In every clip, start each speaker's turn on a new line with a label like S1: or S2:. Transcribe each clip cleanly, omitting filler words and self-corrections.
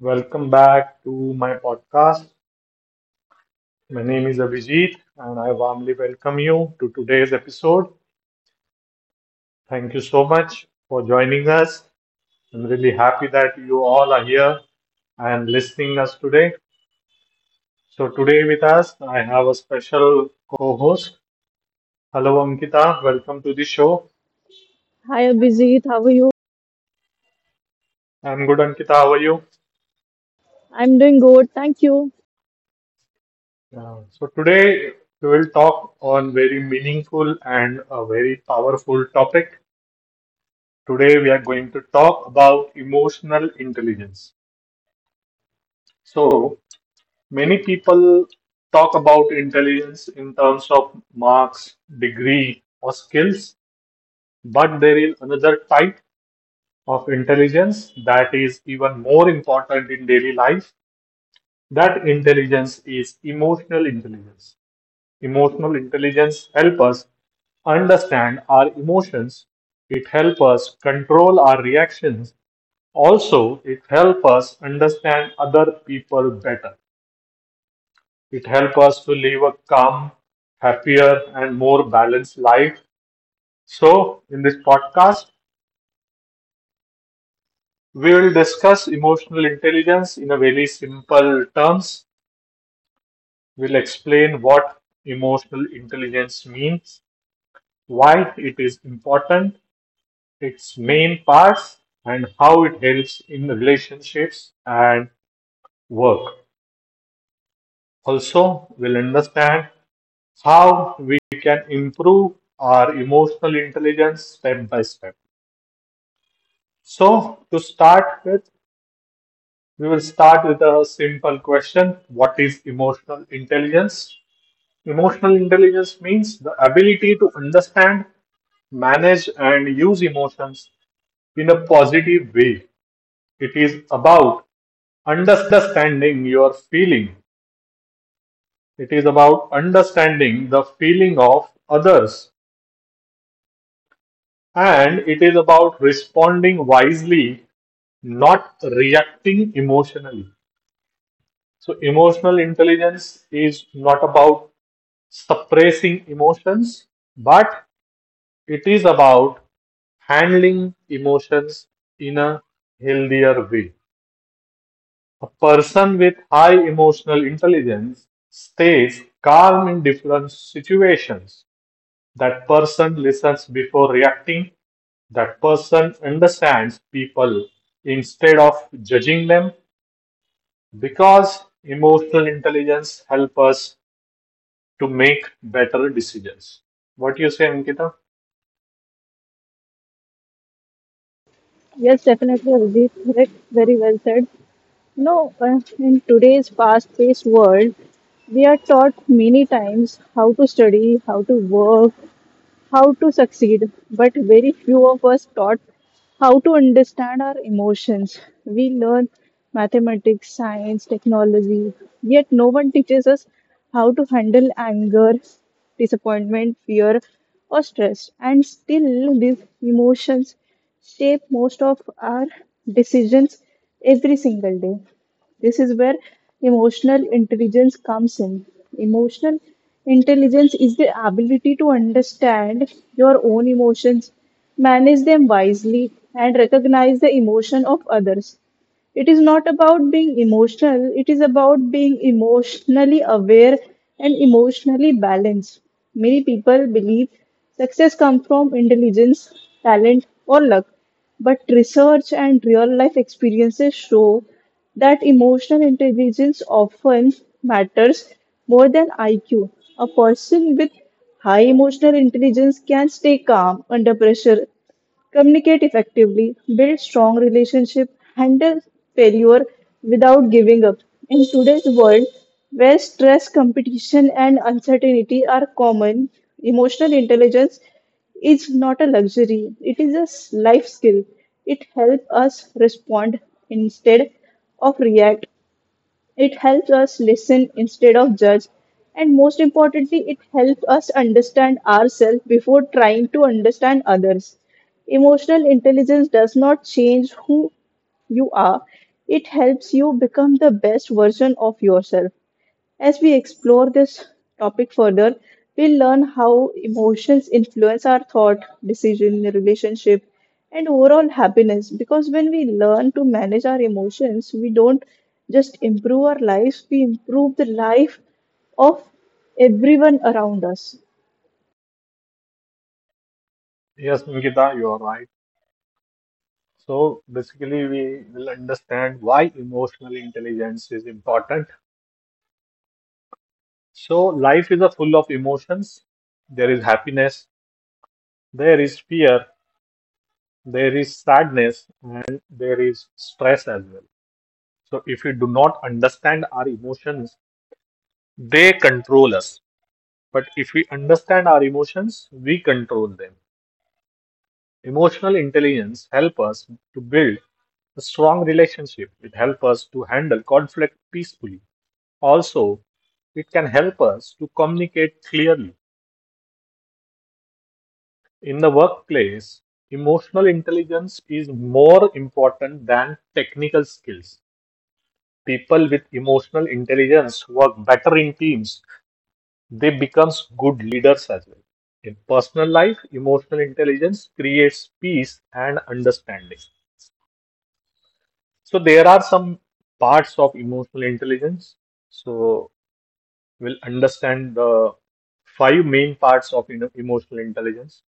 S1: Welcome back to my podcast. My name is Abhijit, and I warmly welcome you to today's episode. Thank you so much for joining us. I'm really happy that you all are here and listening us today. So today with us, I have a special co-host. Hello, Ankita. Welcome to the show.
S2: Hi Abhijit, how are you?
S1: I'm good, Ankita. How are you?
S2: I'm doing good, thank you.
S1: Yeah. So today we will talk on very meaningful and a very powerful topic. Today we are going to talk about emotional intelligence. So, many people talk about intelligence in terms of marks, degree, or skills, but there is another type of intelligence that is even more important in daily life. That intelligence is emotional intelligence. Emotional intelligence help us understand our emotions. It helps us control our reactions. Also, it helps us understand other people better. It helps us to live a calm, happier, and more balanced life. So, in this podcast, we will discuss emotional intelligence in a very simple terms. We'll explain what emotional intelligence means, why it is important, its main parts, and how it helps in relationships and work. Also, we'll understand how we can improve our emotional intelligence step by step. So, to start with, we will start with a simple question. What is emotional intelligence? Emotional intelligence means the ability to understand, manage, and use emotions in a positive way. It is about understanding your feeling, it is about understanding the feeling of others, and it is about responding wisely, not reacting emotionally. So, emotional intelligence is not about suppressing emotions, but it is about handling emotions in a healthier way. A person with high emotional intelligence stays calm in different situations. That person listens before reacting. That person understands people instead of judging them, because emotional intelligence help us to make better decisions. What you say, Ankita?
S2: Yes, definitely Abhijit, correct, very well said. No, in today's fast-paced world, we are taught many times how to study, how to work, how to succeed, but very few of us taught how to understand our emotions. We learn mathematics, science, technology, yet no one teaches us how to handle anger, disappointment, fear, or stress. And still, these emotions shape most of our decisions every single day. This is where emotional intelligence comes in. Emotional intelligence is the ability to understand your own emotions, manage them wisely, and recognize the emotion of others. It is not about being emotional, it is about being emotionally aware and emotionally balanced. Many people believe success comes from intelligence, talent, or luck, but research and real life experiences show that emotional intelligence often matters more than IQ. A person with high emotional intelligence can stay calm under pressure, communicate effectively, build strong relationships, handle failure without giving up. In today's world, where stress, competition, and uncertainty are common, emotional intelligence is not a luxury, it is a life skill. It helps us respond instead of react, it helps us listen instead of judge, and most importantly, it helps us understand ourselves before trying to understand others. Emotional intelligence does not change who you are, it helps you become the best version of yourself. As we explore this topic further, we'll learn how emotions influence our thought, decision, relationship, and overall happiness. Because when we learn to manage our emotions, we don't just improve our lives, we improve the life of everyone around us.
S1: Yes, Ankita, you are right. So basically, we will understand why emotional intelligence is important. So life is a full of emotions. There is happiness, there is fear, there is sadness, and there is stress as well. So if we do not understand our emotions, they control us. But if we understand our emotions, we control them. Emotional intelligence help us to build a strong relationship. It help us to handle conflict peacefully. Also, it can help us to communicate clearly. In the workplace, emotional intelligence is more important than technical skills. People with emotional intelligence work better in teams. They become good leaders as well. In personal life, emotional intelligence creates peace and understanding. So there are some parts of emotional intelligence. So we'll understand the five main parts of emotional intelligence.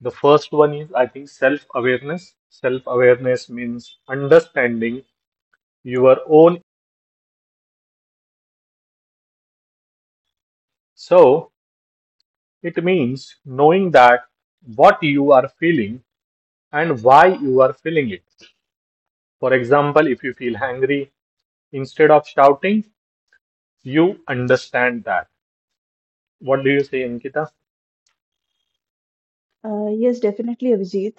S1: The first one is, I think, self-awareness. Self-awareness means understanding your own. So it means knowing that what you are feeling and why you are feeling it. For example, if you feel angry, instead of shouting, you understand that. What do you say, Ankita?
S2: Yes, definitely, Abhijit.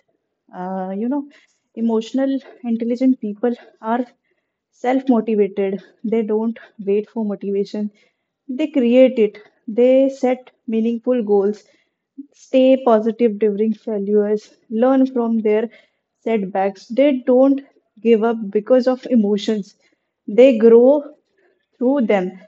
S2: Uh, you know, emotional, intelligent people are self-motivated. They don't wait for motivation. They create it. They set meaningful goals, stay positive during failures, learn from their setbacks. They don't give up because of emotions. They grow through them.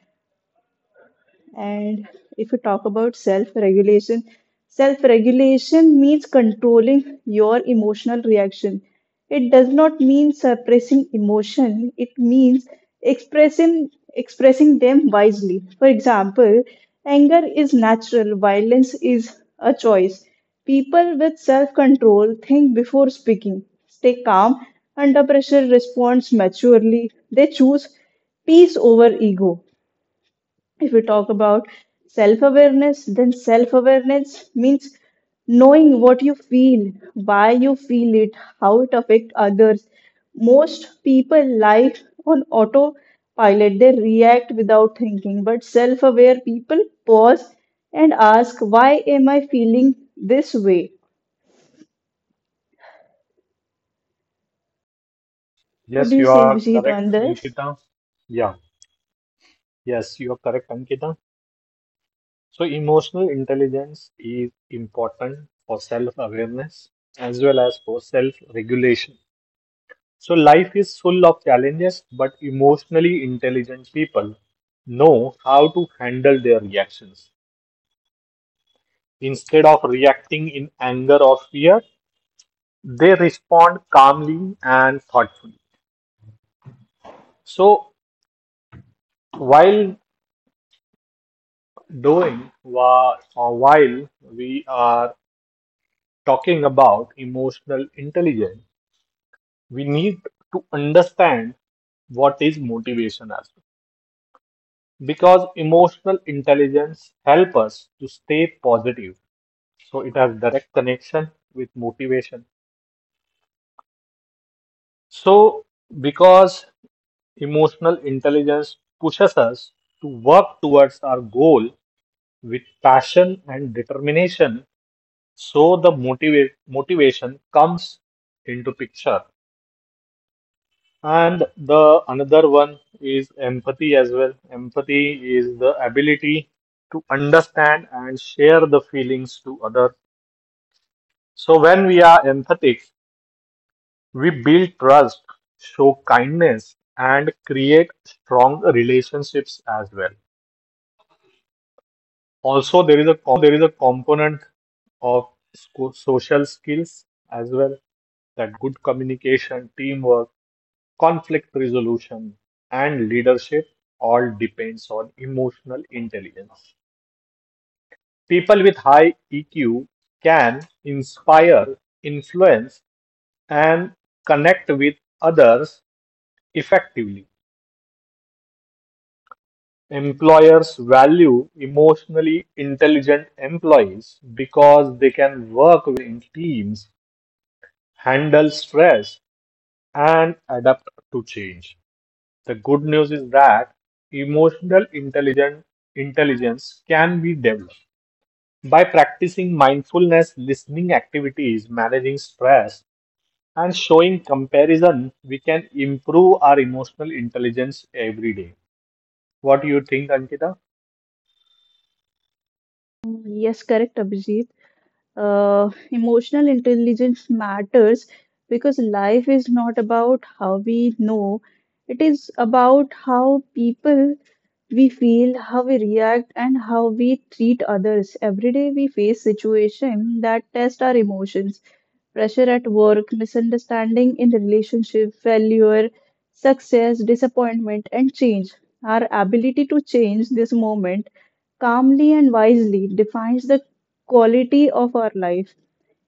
S2: And if you talk about self-regulation, self-regulation means controlling your emotional reaction. It does not mean suppressing emotion. It means expressing expressing them wisely. For example, anger is natural, violence is a choice. People with self-control think before speaking, stay calm under pressure, responds maturely. They choose peace over ego. If we talk about self awareness, then self awareness means knowing what you feel, why you feel it, how it affects others. Most people live on autopilot, they react without thinking, but self aware people pause and ask, why am I feeling this way? What do
S1: Yes,
S2: you
S1: you
S2: say,
S1: are
S2: Abhijit, on
S1: correct,
S2: this?
S1: Ankita. Yeah, yes, you are correct, Ankita. So, emotional intelligence is important for self-awareness as well as for self-regulation. So, life is full of challenges, but emotionally intelligent people know how to handle their reactions. Instead of reacting in anger or fear, they respond calmly and thoughtfully. So, while doing, or while we are talking about emotional intelligence, we need to understand what is motivation as well. Because emotional intelligence help us to stay positive. So it has direct connection with motivation. So because emotional intelligence pushes us to work towards our goal with passion and determination, so the motivate motivation comes into picture. And the another one is empathy as well. Empathy is the ability to understand and share the feelings to other. So when we are empathic, we build trust, show kindness, and create strong relationships as well. Also, there is a component of social skills as well, that good communication, teamwork, conflict resolution, and leadership all depends on emotional intelligence. People with high EQ can inspire, influence, and connect with others effectively. Employers value emotionally intelligent employees because they can work well in teams, handle stress, and adapt to change. The good news is that emotional intelligence can be developed by practicing mindfulness, listening activities, managing stress, and showing comparison. We can improve our emotional intelligence every day. What do you think, Ankita?
S2: Yes, correct, Abhijit. Emotional intelligence matters because life is not about how we know, it is about how people we feel, how we react, and how we treat others. Every day we face situations that test our emotions pressure at work, misunderstanding in the relationship, failure, success, disappointment, and change. Our ability to change this moment calmly and wisely defines the quality of our life.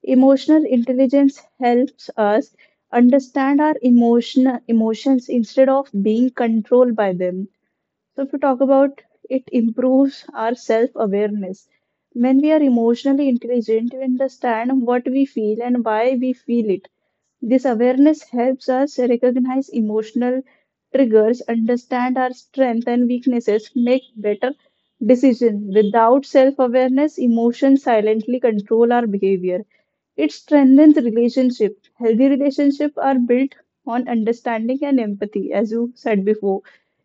S2: Emotional intelligence helps us understand our emotions instead of being controlled by them. So, if we talk about it, improves our self awareness. When we are emotionally intelligent, we understand what we feel and why we feel it. This awareness helps us recognize emotional triggers, understand our strengths and weaknesses, make better decisions. Without self awareness, emotions silently control our behavior. It strengthens relationship. Healthy relationships are built on understanding and empathy, as you said before.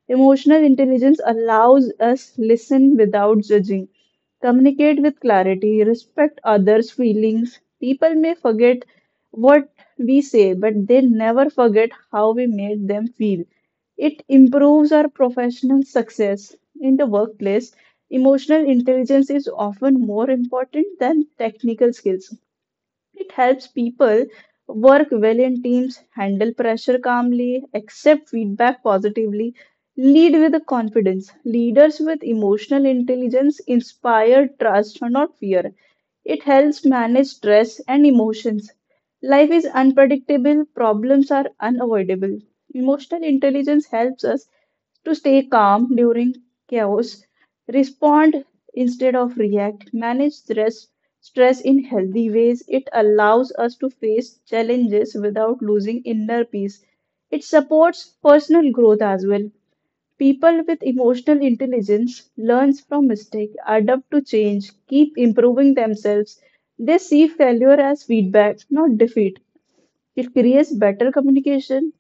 S2: Emotional intelligence allows us listen without judging, communicate with clarity, respect others' feelings. People may forget what we say, but they never forget how we made them feel. It improves our professional success in the workplace. Emotional intelligence is often more important than technical skills. It helps people work well in teams, handle pressure calmly, accept feedback positively, lead with confidence. Leaders with emotional intelligence inspire trust, not fear. It helps manage stress and emotions. Life is unpredictable, problems are unavoidable. Emotional intelligence helps us to stay calm during chaos, respond instead of react, manage stress in healthy ways. It allows us to face challenges without losing inner peace. It supports personal growth as well. People with emotional intelligence learns from mistake, adapt to change, keep improving themselves. They see failure as feedback, not defeat. It creates better communication.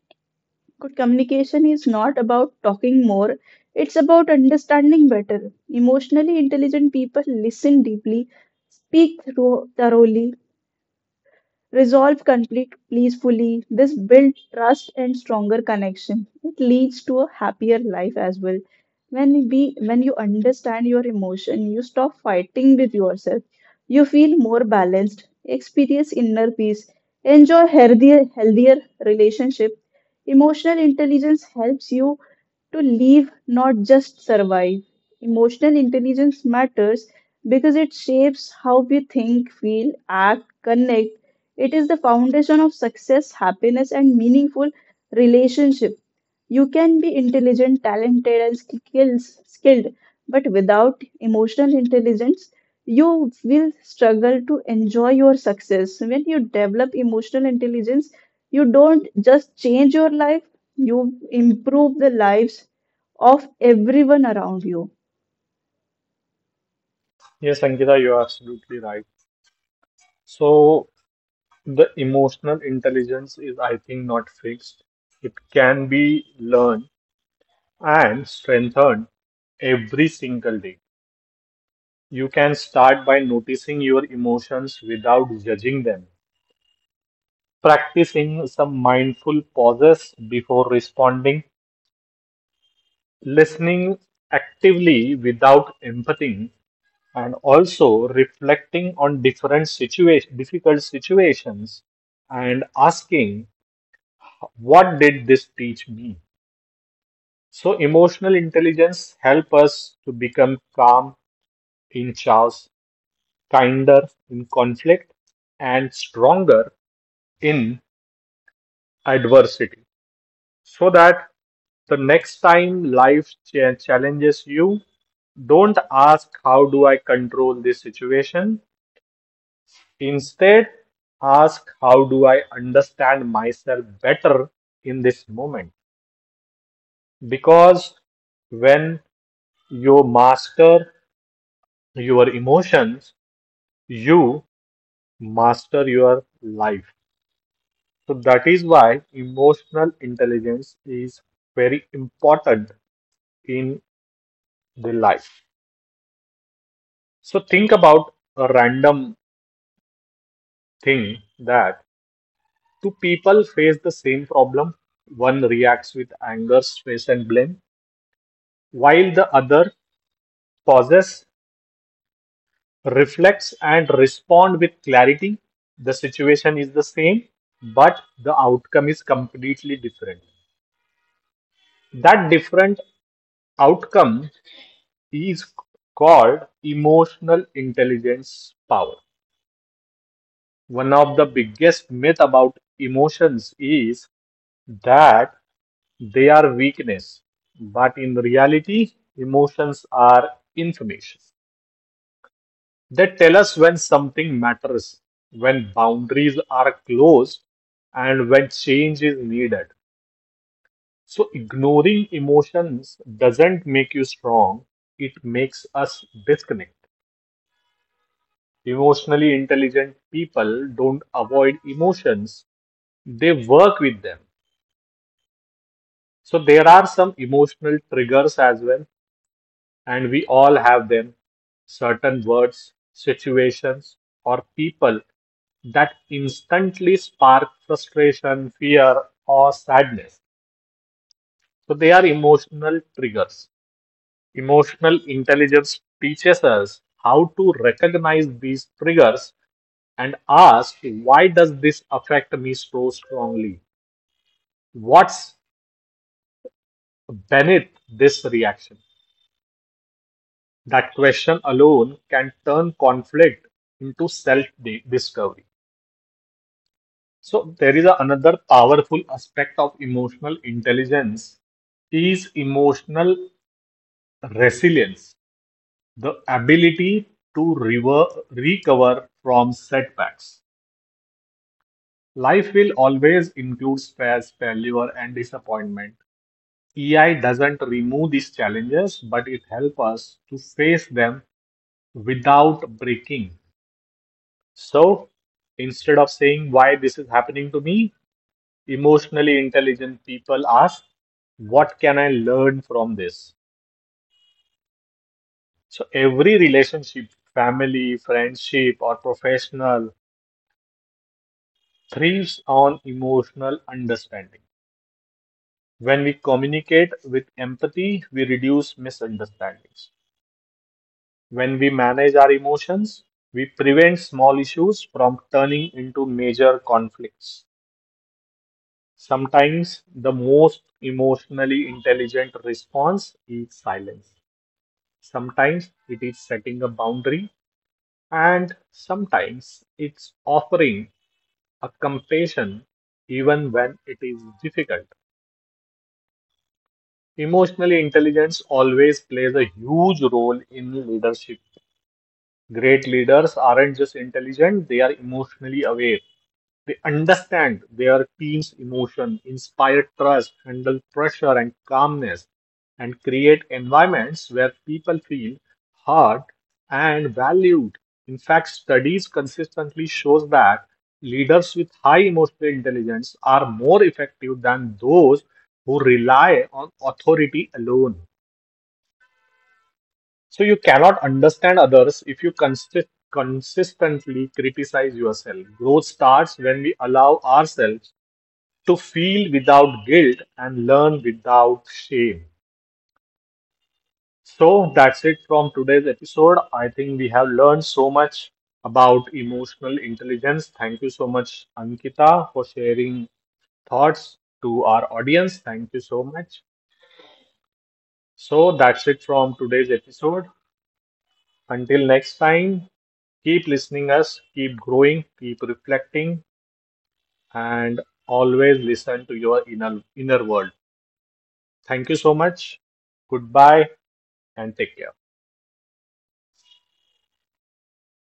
S2: Good communication is not about talking more, it's about understanding better. Emotionally intelligent people listen deeply, speak thoroughly, resolve conflict peacefully. This builds trust and stronger connection. It leads to a happier life as well. When you understand your emotion, you stop fighting with yourself. You feel more balanced, experience inner peace, enjoy healthier relationship. Emotional intelligence helps you to live, not just survive. Emotional intelligence matters because it shapes how we think, feel, act, connect, it is the foundation of success, happiness, and meaningful relationship. You can be intelligent, talented, and skilled, but without emotional intelligence, you will struggle to enjoy your success. When you develop emotional intelligence, you don't just change your life, you improve the lives of everyone around you.
S1: Yes, Ankita, you are absolutely right. So, the emotional intelligence is, I think, not fixed. It can be learned and strengthened every single day. You can start by noticing your emotions without judging them, practicing some mindful pauses before responding, listening actively without empathy, and also reflecting on different situation, difficult situations and asking, what did this teach me? So emotional intelligence help us to become calm in chaos, kinder in conflict, and stronger in adversity, so that the next time life challenges you, don't ask, how do I control this situation? Instead, ask, how do I understand myself better in this moment? Because when you master your emotions, you master your life. So that is why emotional intelligence is very important in the life. So think about a random thing that two people face the same problem. One reacts with anger, stress, and blame, while the other pauses, reflects, and respond with clarity. The situation is the same, but the outcome is completely different. That different outcome is called emotional intelligence power. One of the biggest myth about emotions is that they are weakness, but in reality, emotions are information. They tell us when something matters, when boundaries are closed, and when change is needed. So, ignoring emotions doesn't make you strong, it makes us disconnect. Emotionally intelligent people don't avoid emotions, they work with them. So, there are some emotional triggers as well. And we all have them, certain words, situations, or people that instantly spark frustration, fear, or sadness. So they are emotional triggers. Emotional intelligence teaches us how to recognize these triggers and ask, why does this affect me so strongly? What's beneath this reaction? That question alone can turn conflict into self discovery. So there is a, another powerful aspect of emotional intelligence is emotional resilience, the ability to recover from setbacks. Life will always include stress, failure, and disappointment. EI doesn't remove these challenges, but it helps us to face them without breaking. So instead of saying why this is happening to me, emotionally intelligent people ask, what can I learn from this? So every relationship, family, friendship, or professional, thrives on emotional understanding. When we communicate with empathy, we reduce misunderstandings. When we manage our emotions, we prevent small issues from turning into major conflicts. Sometimes the most emotionally intelligent response is silence. Sometimes it is setting a boundary, and sometimes it's offering a compassion even when it is difficult. Emotional intelligence always plays a huge role in leadership. Great leaders aren't just intelligent, they are emotionally aware. They understand their team's emotion, inspire trust, handle pressure and calmness, and create environments where people feel heard and valued. In fact, studies consistently shows that leaders with high emotional intelligence are more effective than those who rely on authority alone. So you cannot understand others if you consistently criticize yourself. Growth starts when we allow ourselves to feel without guilt and learn without shame. So that's it from today's episode. I think we have learned so much about emotional intelligence. Thank you so much, Ankita, for sharing thoughts to our audience. Thank you so much. So that's it from today's episode. Until next time, keep listening us, keep growing, keep reflecting, and always listen to your inner world. Thank you so much. Goodbye and take care.